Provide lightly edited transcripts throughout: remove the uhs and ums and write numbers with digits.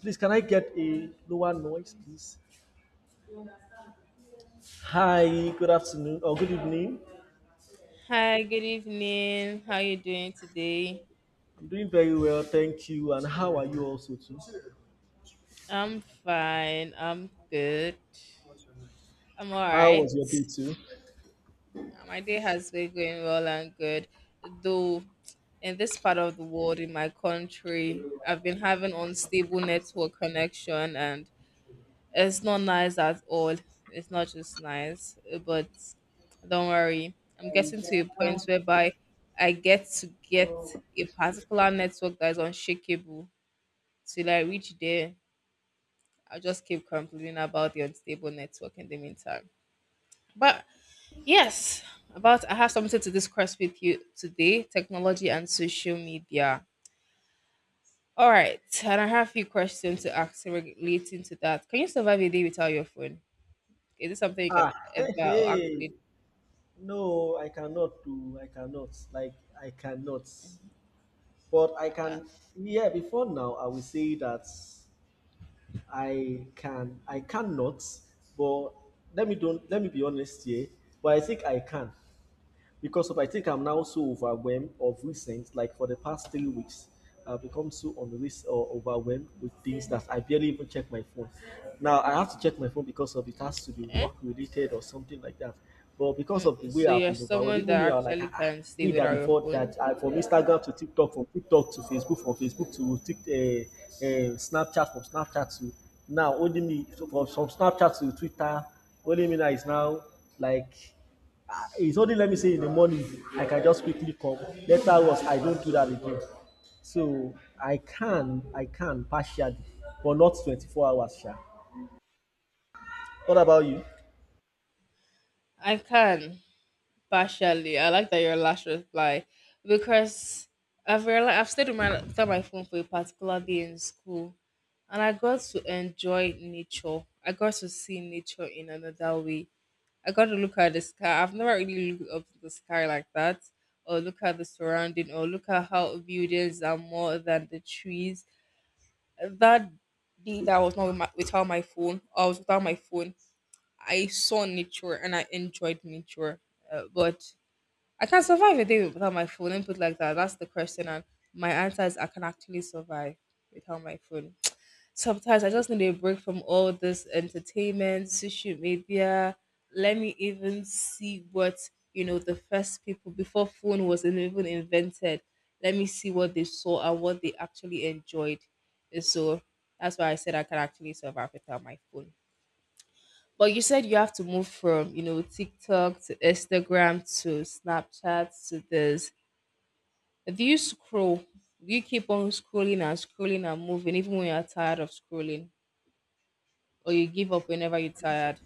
Please, can I get a lower noise, please? Hi, good afternoon or good evening. Hi, good evening. How you doing today? I'm doing very well, thank you. And how are you also too? I'm fine. I'm good. I'm all How right. was your day too? My day has been going well and good. Though in this part of the world, in my country, I've been having unstable network connection and it's not nice at all. It's not just nice, but don't worry. I'm getting to a point whereby I get to get a particular network that is unshakable till I reach there. I'll just keep complaining about the unstable network in the meantime. But yes, about I have something to discuss with you today: technology and social media. All right, and I have a few questions to ask relating to that. Can you survive a day without your phone? Is it something you can Ah, ever hey, or hey. actually? No, I cannot do. I cannot. Like I cannot. But I can. Yeah, before now, I will say that I can. I cannot. But let me don't. Let me be honest here. But I think I can. Because of I think I'm now so overwhelmed of recent, like for the past 3 weeks, I've become so unrest or overwhelmed with things that I barely even check my phone. Now I have to check my phone because of it has to be Okay. work related or something like that. But because of the Mm, way so I've you're been overwhelmed, someone even that me, I'm like, actually ah, ah, can stay me that without your before phone. that, I, from Instagram to TikTok, from TikTok to Facebook, from Facebook to Tik, Snapchat, from Snapchat to now, only me, from Snapchat to Twitter, only me now is now like. Ah, it's only, let me say, in the morning I can just quickly come. Later on, I don't do that again. So I can partially, but not 24 hours sha. What about you? I can. Partially, I like that your last reply because I've realized I've stayed with my without my phone for a particular day in school, and I got to enjoy nature. I got to see nature in another way. I got to look at the sky. I've never really looked up to the sky like that, or look at the surrounding, or look at how buildings are more than the trees. That day that I was not with my, without my phone, I was without my phone. I saw nature and I enjoyed nature, but I can survive a day without my phone. Let me put it like that. That's the question. And my answer is I can actually survive without my phone. Sometimes I just need a break from all this entertainment, social media. Let me even see what, you know, the first people before phone was even invented. Let me see what they saw and what they actually enjoyed. And so that's why I said I can actually survive without my phone. But you said you have to move from, you know, TikTok to Instagram to Snapchat to this. If you scroll, do you keep on scrolling and scrolling and moving even when you're tired of scrolling? Or you give up whenever you're tired?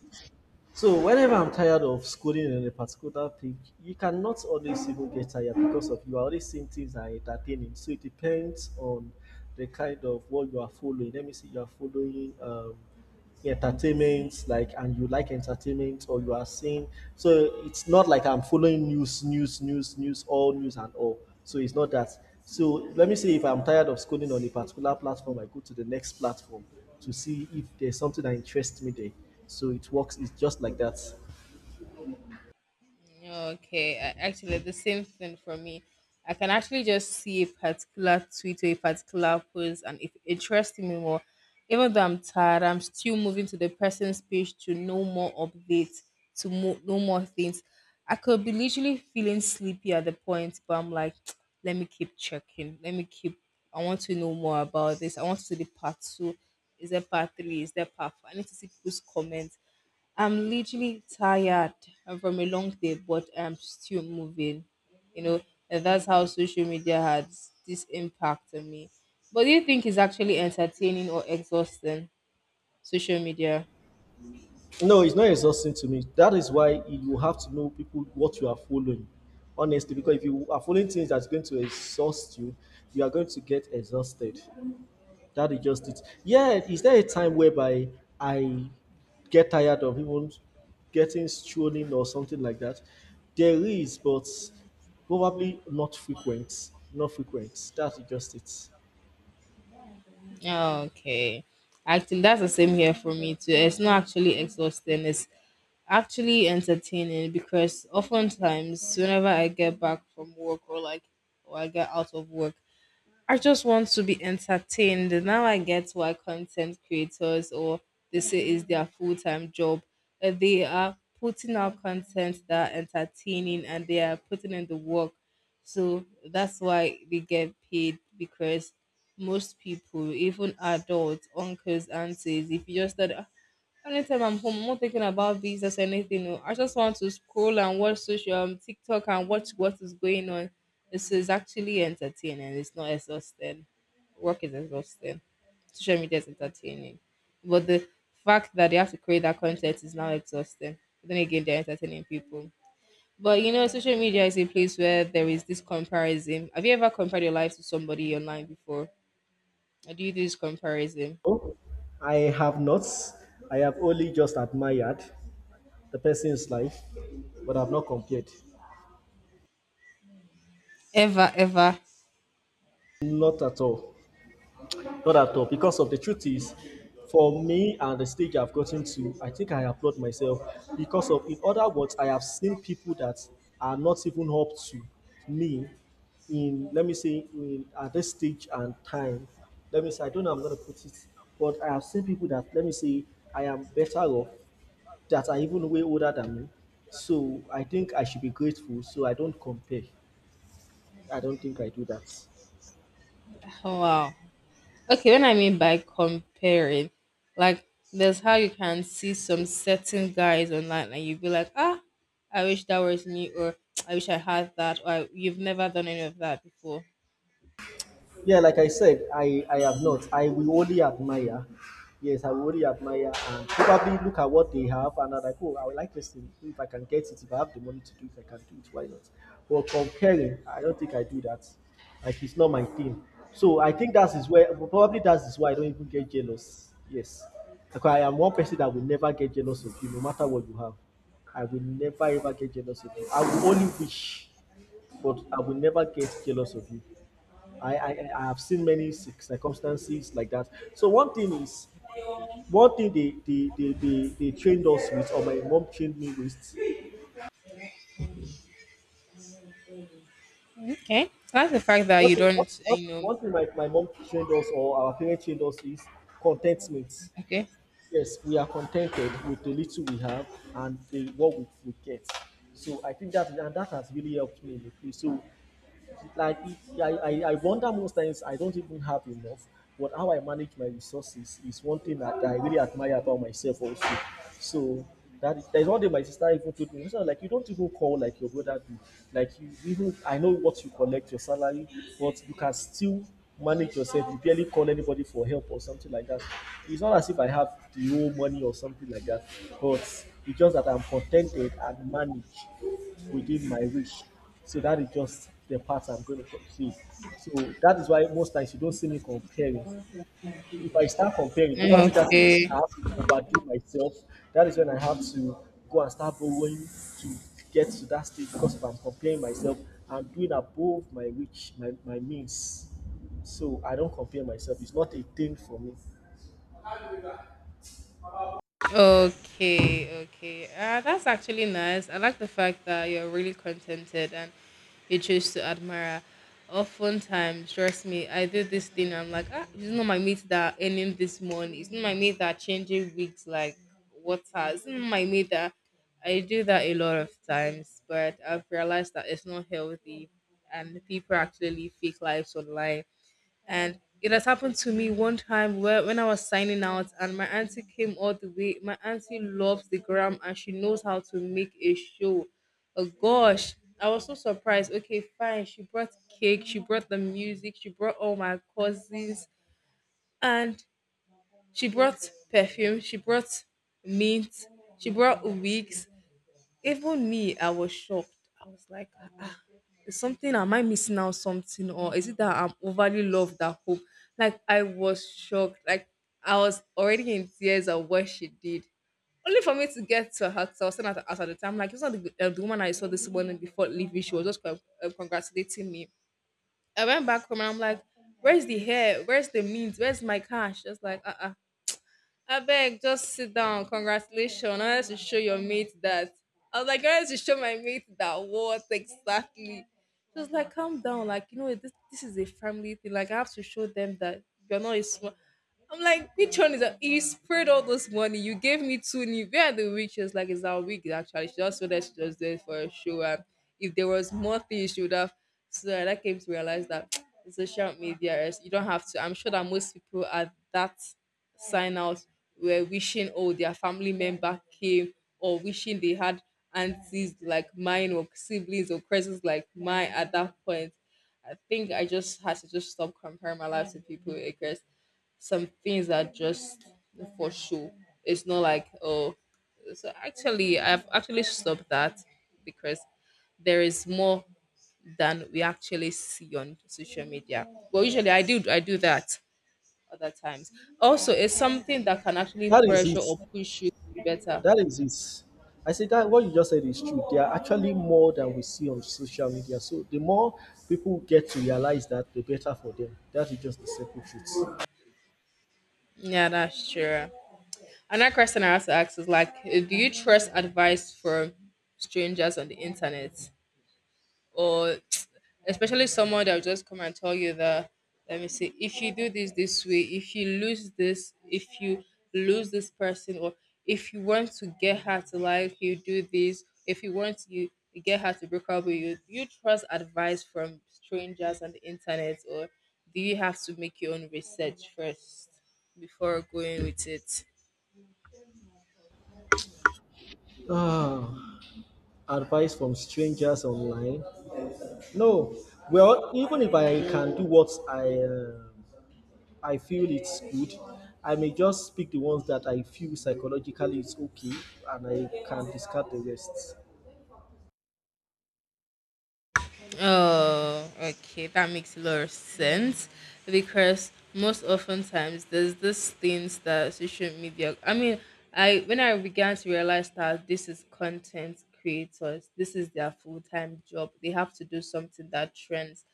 So whenever I'm tired of schooling in a particular thing, you cannot always even get tired because of you are always seeing things that are entertaining. So it depends on the kind of what you are following. Let me say you are following entertainment like, and you like entertainment or you are seeing. So it's not like I'm following news all news and all, so it's not that. So let me see, if I'm tired of scrolling on a particular platform, I go to the next platform to see if there's something that interests me there. So it works, it's just like that. Okay, actually, the same thing for me. I can actually just see a particular tweet or a particular post, and if it interests me more, even though I'm tired, I'm still moving to the person's page to know more updates, to know more things. I could be literally feeling sleepy at the point, but I'm like, let me keep checking. Let me keep. I want to know more about this. I want to see the part two. Is there part three? Is there part four? I need to see people's comments. I'm literally tired from a long day, but I'm still moving. You know, and that's how social media has this impact on me. But do you think it's actually entertaining or exhausting? Social media. No, it's not exhausting to me. That is why you have to know people, what you are following, honestly, because if you are following things that's going to exhaust you, you are going to get exhausted. That is just it. Yeah, is there a time whereby I get tired of even getting stolen or something like that? There is, but probably not frequent. Not frequent. That is just it. Okay. Actually, that's the same here for me too. It's not actually exhausting. It's actually entertaining because oftentimes, whenever I get back from work or like, or I get out of work, I just want to be entertained. Now I get why content creators or they say is their full time job. They are putting out content that are entertaining and they are putting in the work. So that's why they get paid because most people, even adults, uncles, aunties, if you just start "Ah, anytime I'm home, I'm not thinking about business or anything. No. I just want to scroll and watch social TikTok and watch what is going on. This is actually entertaining. It's not exhausting. Work is exhausting. Social media is entertaining, but the fact that they have to create that content is now exhausting. But then again, they're entertaining people. But you know, social media is a place where there is this comparison. Have you ever compared your life to somebody online before? Or do you do this comparison? Oh, I have not. I have only just admired the person's life, but I've not compared. Ever, ever? Not at all. Not at all, because of the truth is, for me and the stage I've gotten to, I think I applaud myself because of, in other words, I have seen people that are not even up to me in, let me say, in at this stage and time. Let me say, I don't know, how I'm going to put it, but I have seen people that, let me say, I am better off, that are even way older than me. So I think I should be grateful. So I don't compare. I don't think I do that. Wow. Okay, when I mean by comparing, like there's how you can see some certain guys online and you'd be like, ah, I wish that was me, or I wish I had that, or I, you've never done any of that before. Yeah, like I said, I have not. I will only admire. Yes, I will only admire and probably look at what they have and I'm like, oh, I would like this thing. If I can get it, if I have the money to do it, I can do it. Why not? But comparing, I don't think I do that. Like, it's not my thing. So I think that is where probably that is why I don't even get jealous. Yes. Because I am one person that will never get jealous of you, no matter what you have. I will never ever get jealous of you. I will only wish, but I will never get jealous of you. I have seen many circumstances like that. So one thing is, one thing they trained us with, or my mom trained me with. Okay, I like the fact that One you thing, one, don't, one, you know, one thing my, my mom trained us, or our parents trained us is contentment. okay, Yes, we are contented with the little we have and the what we get. So I think that and that has really helped me in the place. So like, I wonder, most times I don't even have enough, but how I manage my resources is one thing that I really admire about myself also. So that, there's one day my sister even told me, so like you don't even call like your brother do, like you even, I know what you collect your salary, but you can still manage yourself, you barely call anybody for help or something like that. It's not as if I have the whole money or something like that, but it's just that I'm contented and manage within my reach. So that is just the part I'm going to see. So that is why most times you don't see me comparing. If I start comparing, probably that I okay, have to overdo myself. That is when I have to go and start borrowing to get to that stage, because if I'm comparing myself, I'm doing above my reach, my means. So I don't compare myself. It's not a thing for me. okay, okay. That's actually nice. I like the fact that you're really contented and you choose to admire. Oftentimes, trust me, I do this thing. I'm like, ah, it's not my meat that earning this money. It's not my meat that changing wigs like water. It's not my meat that I do that a lot of times. But I've realized that it's not healthy, and people actually live fake lives online and it has happened to me one time where when I was signing out and my auntie came all the way. My auntie loves the gram and she knows how to make a show. Oh gosh, I was so surprised. Okay, fine. She brought cake, she brought the music, she brought all my cousins, and she brought perfume, she brought mint, she brought wigs, even me, I was shocked. I was like, ah, ah, is something, am I missing out something? Or is it that I'm overly loved that hope? Like, I was shocked. Like, I was already in tears at what she did. Only for me to get to her, so I was standing at the house at the time. Like, it's not the woman I saw this morning before leaving. She was just congratulating me. I went back home and I'm like, where's the hair? Where's the means? Where's my cash? Just like, I beg, just sit down. Congratulations. I had to show your mate that. I was like, I had to show my mate that. What exactly? She was like, calm down. Like, you know, this is a family thing. Like, I have to show them that you're not a small. I'm like, which one is that? You spread all this money. You gave me two new. Where are the wig? She was like, it's our wig, actually. She just said that she just did it for a show. And if there was more things, she would have. So then I came to realize that the social media is, you don't have to. I'm sure that most people are that sign out were wishing oh their family member came or wishing they had aunties like mine or siblings or cousins like mine at that point. I think I just had to just stop comparing my life to people because some things are just for show. It's not like oh so actually I've actually stopped that because there is more than we actually see on social media. Well, usually I do that other times. Also, it's something that can actually That is pressure or it. push you to be better. That is it. I say that what you just said is true. There are actually more than we see on social media. So the more people get to realize that, the better for them. That is just the simple truth. Yeah, that's true. Another question I have to ask is like, eh, do you trust advice from strangers on the internet, or especially someone that will just come and tell you that let me see if you do this this way if you lose this if you lose this person or if you want to get her to like you do this if you want you get her to break up with you, do you trust advice from strangers on the internet or do you have to make your own research first before going with it? Ah, advice from strangers online? No. Well, even if I can do what I feel it's good, I may just pick the ones that I feel psychologically it's okay, and I can discard the rest. Oh, okay, that makes a lot of sense because most oftentimes there's these things that social media. I mean, I when I began to realize that this is content creators, this is their full time job. They have to do something that trends.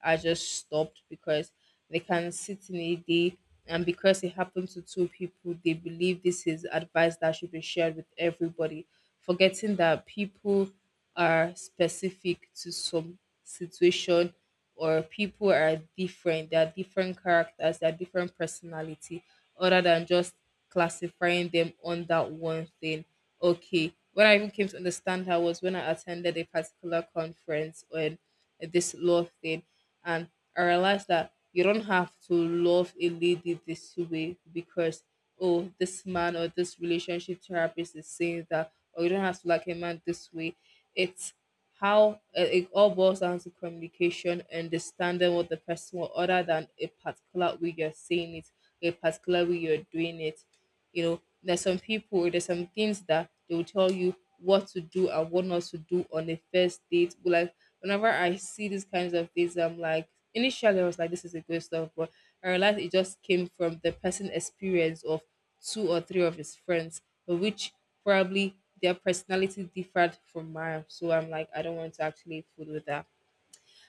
I just stopped because they can sit in a day and because it happened to two people, they believe this is advice that should be shared with everybody, forgetting that people are specific to some situation or people are different. They are different characters, they are different personality, other than just classifying them on that one thing. Okay, what I even came to understand her was when I attended a particular conference on this love thing and I realized that you don't have to love a lady this way because oh this man or this relationship therapist is saying that or you don't have to like a man this way. It's how it all boils down to communication, understanding what the person wants, other than a particular way you're saying it, a particular way you're doing it. You know, there's some people, there's some things that they will tell you what to do and what not to do on a first date. But like whenever I see these kinds of things, I'm like initially I was like, this is a good stuff, but I realized it just came from the person experience of two or three of his friends, which probably their personality differed from mine. So I'm like, I don't want to actually fool with that.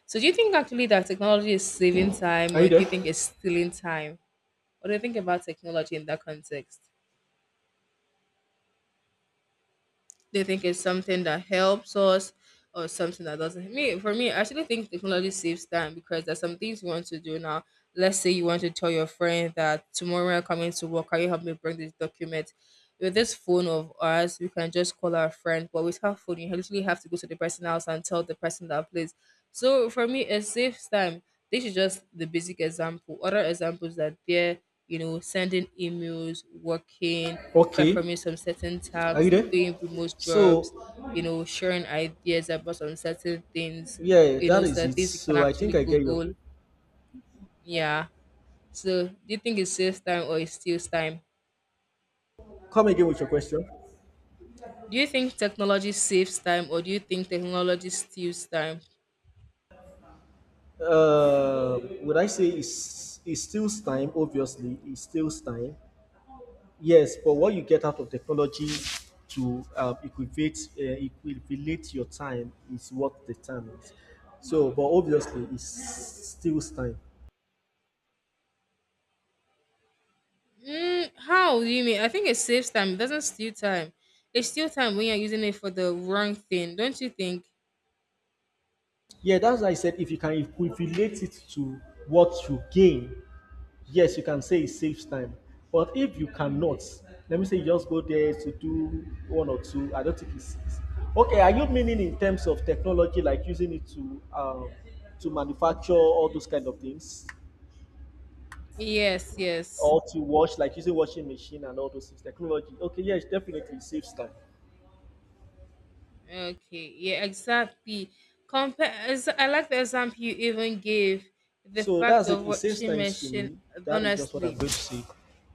So do you think actually that technology is saving time Are you or do there? you think it's stealing time? What do you think about technology in that context? They think it's something that helps us or something that doesn't me For me, I actually think technology saves time because there's some things you want to do now. Let's say you want to tell your friend that tomorrow I'm coming to work, can you help me bring this document? With this phone of ours we can just call our friend, but with her phone you literally have to go to the person house and tell the person that please. So for me, it saves time. This is just the basic example. Other examples are there, sending emails, working, Okay. performing some certain Are you tasks, there? doing remote So jobs, sharing ideas about some certain things, yeah, you that know, is certain it. things you can So I think actually I get your. Google. Yeah. So do you think it saves time or it steals time? Come again with your question. Do you think technology saves time or do you think technology steals time? Would I say it's it steals time? Obviously, it steals time. Yes, but what you get out of technology to equate equivalate your time is what the time is. So, but obviously, it steals time. Mm, how do you mean? I think it saves time. It doesn't steal time. It steals time when you're using it for the wrong thing, don't you think? Yeah, that's why I said if you can equivalate it to what you gain, yes, you can say it saves time. But if you cannot, let me say you just go there to do one or two, I don't think it's okay. Are you meaning in terms of technology, like using it to manufacture all those kind of things, Yes, yes. or to wash, like using washing machine and all those things? Technology, okay, yes, definitely it saves time. Okay, yeah, exactly. Compare. I like the example you even gave. The So that's fact it. of It what saves she time to mentioned, me. That is just what I'm honestly. going to say.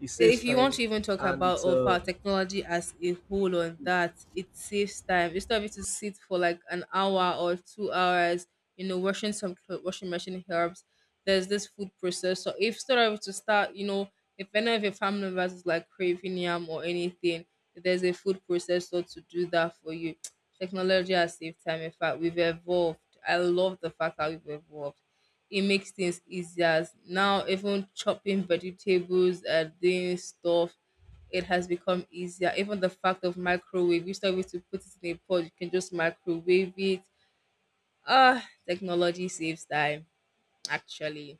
It saves If you want time, to even talk and about it's. of our technology as a whole on that, it saves time. Instead of you to sit for like an hour or 2 hours, washing some clothes, washing machine helps. There's this food processor. If instead of you to start, if any of your family members is like craving yam or anything, there's a food processor to do that for you. Technology has saved time. In fact, we've evolved. I love the fact that we've evolved. It makes things easier. Now, even chopping vegetables and doing stuff, it has become easier. Even the fact of microwave, you still have to put it in a pot, you can just microwave it. Ah, technology saves time, actually.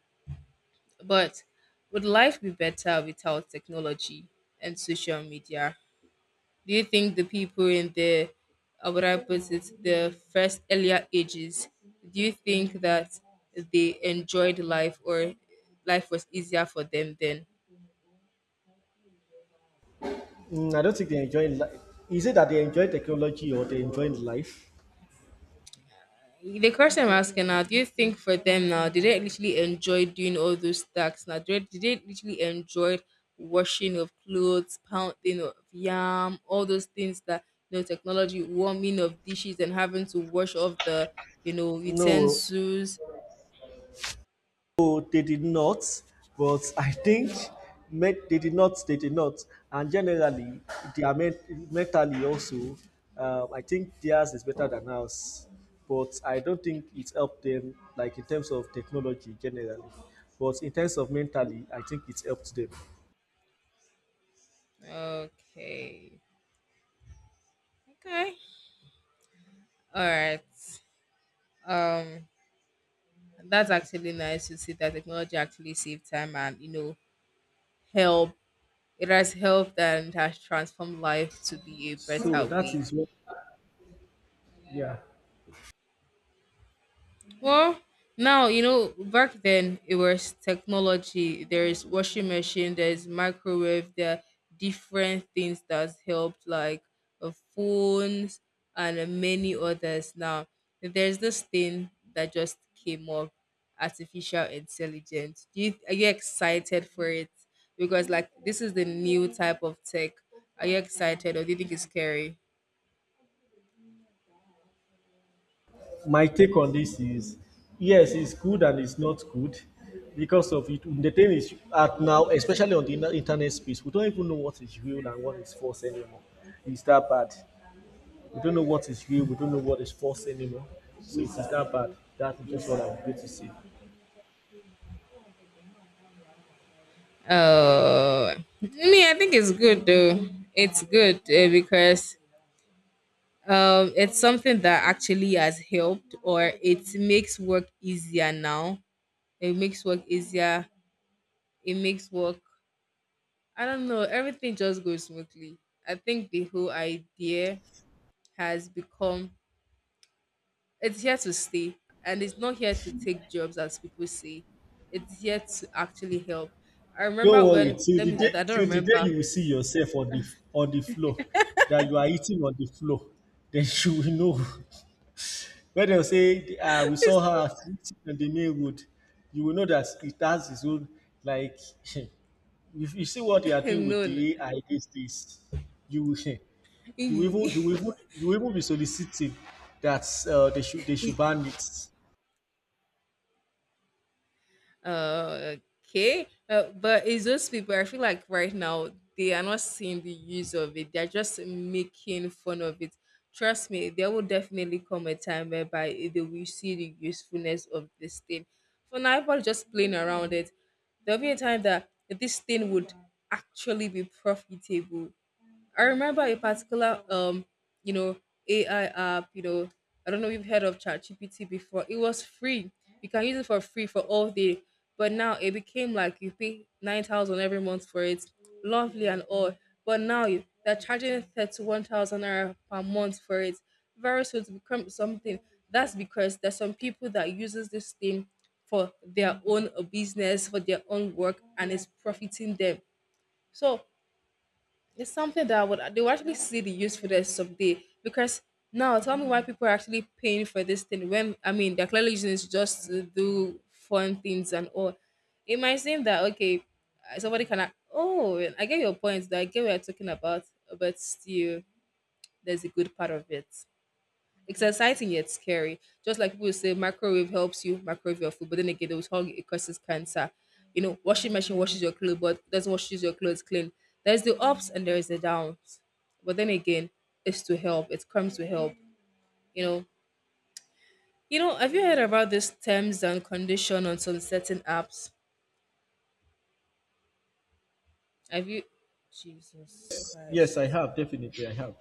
But would life be better without technology and social media? Do you think the people in the, how would I put it, the first earlier ages, do you think that they enjoyed life or life was easier for them then? Mm, I don't think they enjoy. Is it that they enjoy technology or they enjoy life? The question I'm asking now, do you think for them now, did they literally enjoy doing all those tasks now? Did they literally enjoy washing of clothes, pounding of yam, all those things that, you know, technology, warming of dishes and having to wash off the, you know, No, utensils? no, they did not. But I think met, they did not, they did not. And generally, they are met, mentally also. I think theirs is better than ours, but I don't think it helped them like in terms of technology generally. But in terms of mentally, I think it helped them. Okay. Okay. All right. Um, that's actually nice to see that technology actually saved time and you know help. It has helped and has transformed life to be a So better that way. is what, yeah. Well, now you know. Back then, it was technology. There is washing machine. There is microwave. There are different things that's helped, like phones and many others. Now, there's this thing that just came up, artificial intelligence. Do you are you excited for it? Because like this is the new type of tech. Are you excited, or do you think it's scary? My take on this is yes, it's good and it's not good because of it. The thing is, at now, especially on the internet space, we don't even know what is real and what is false anymore. It's that bad. We don't know what is real. We don't know what is false anymore. So it's that bad. That is just what I'm going to say. Oh, me, I think it's good though. It's good because it's something that actually has helped, or it makes work easier now. It makes work easier. It makes work. I don't know. Everything just goes smoothly. I think the whole idea has become. It's here to stay, and it's not here to take jobs, as people say. It's here to actually help. I Don't remember worry. when. Let me. I Till don't the day remember. you will see yourself on the floor, that you are eating on the floor, then you will know. When dem say, "We saw It's her sitting on the main road," you will know that it has its own like if you see what they are doing with the no. AI these days, you will E- you will even be soliciting that they should e- ban it. uh, okay. But it's those people, I feel like right now they are not seeing the use of it. They're just making fun of it. Trust me, there will definitely come a time whereby they will see the usefulness of this thing. For now, people are just playing around it. There'll be a time that this thing would actually be profitable. I remember a particular you know, AI app, you know, I don't know if you've heard of ChatGPT before. It was free. You can use it for free for all day. But now it became like you pay 9,000 every month for it. Lovely and all. But now they're charging 31,000 naira per month for it. Very soon to become something. That's because there's some people that uses this thing for their own business, for their own work, and it's profiting them. So it's something that would they will actually see the usefulness someday because now tell me why people are actually paying for this thing when I mean they're clearly using it just to do fun things and all. It might seem that okay, somebody can act- oh I get your point that I get what you're talking about, but still there's a good part of it. It's exciting yet scary. Just like people say, microwave helps you microwave your food, but then again, they will tell you it causes cancer. You know, washing machine washes your clothes, but doesn't washes your clothes clean. There's the ups and there is the downs, but then again, it's to help. It comes to help. You know, you know. Have you heard about these terms and condition on some certain apps? Have you? Jesus Yes, I Christ. have definitely I have.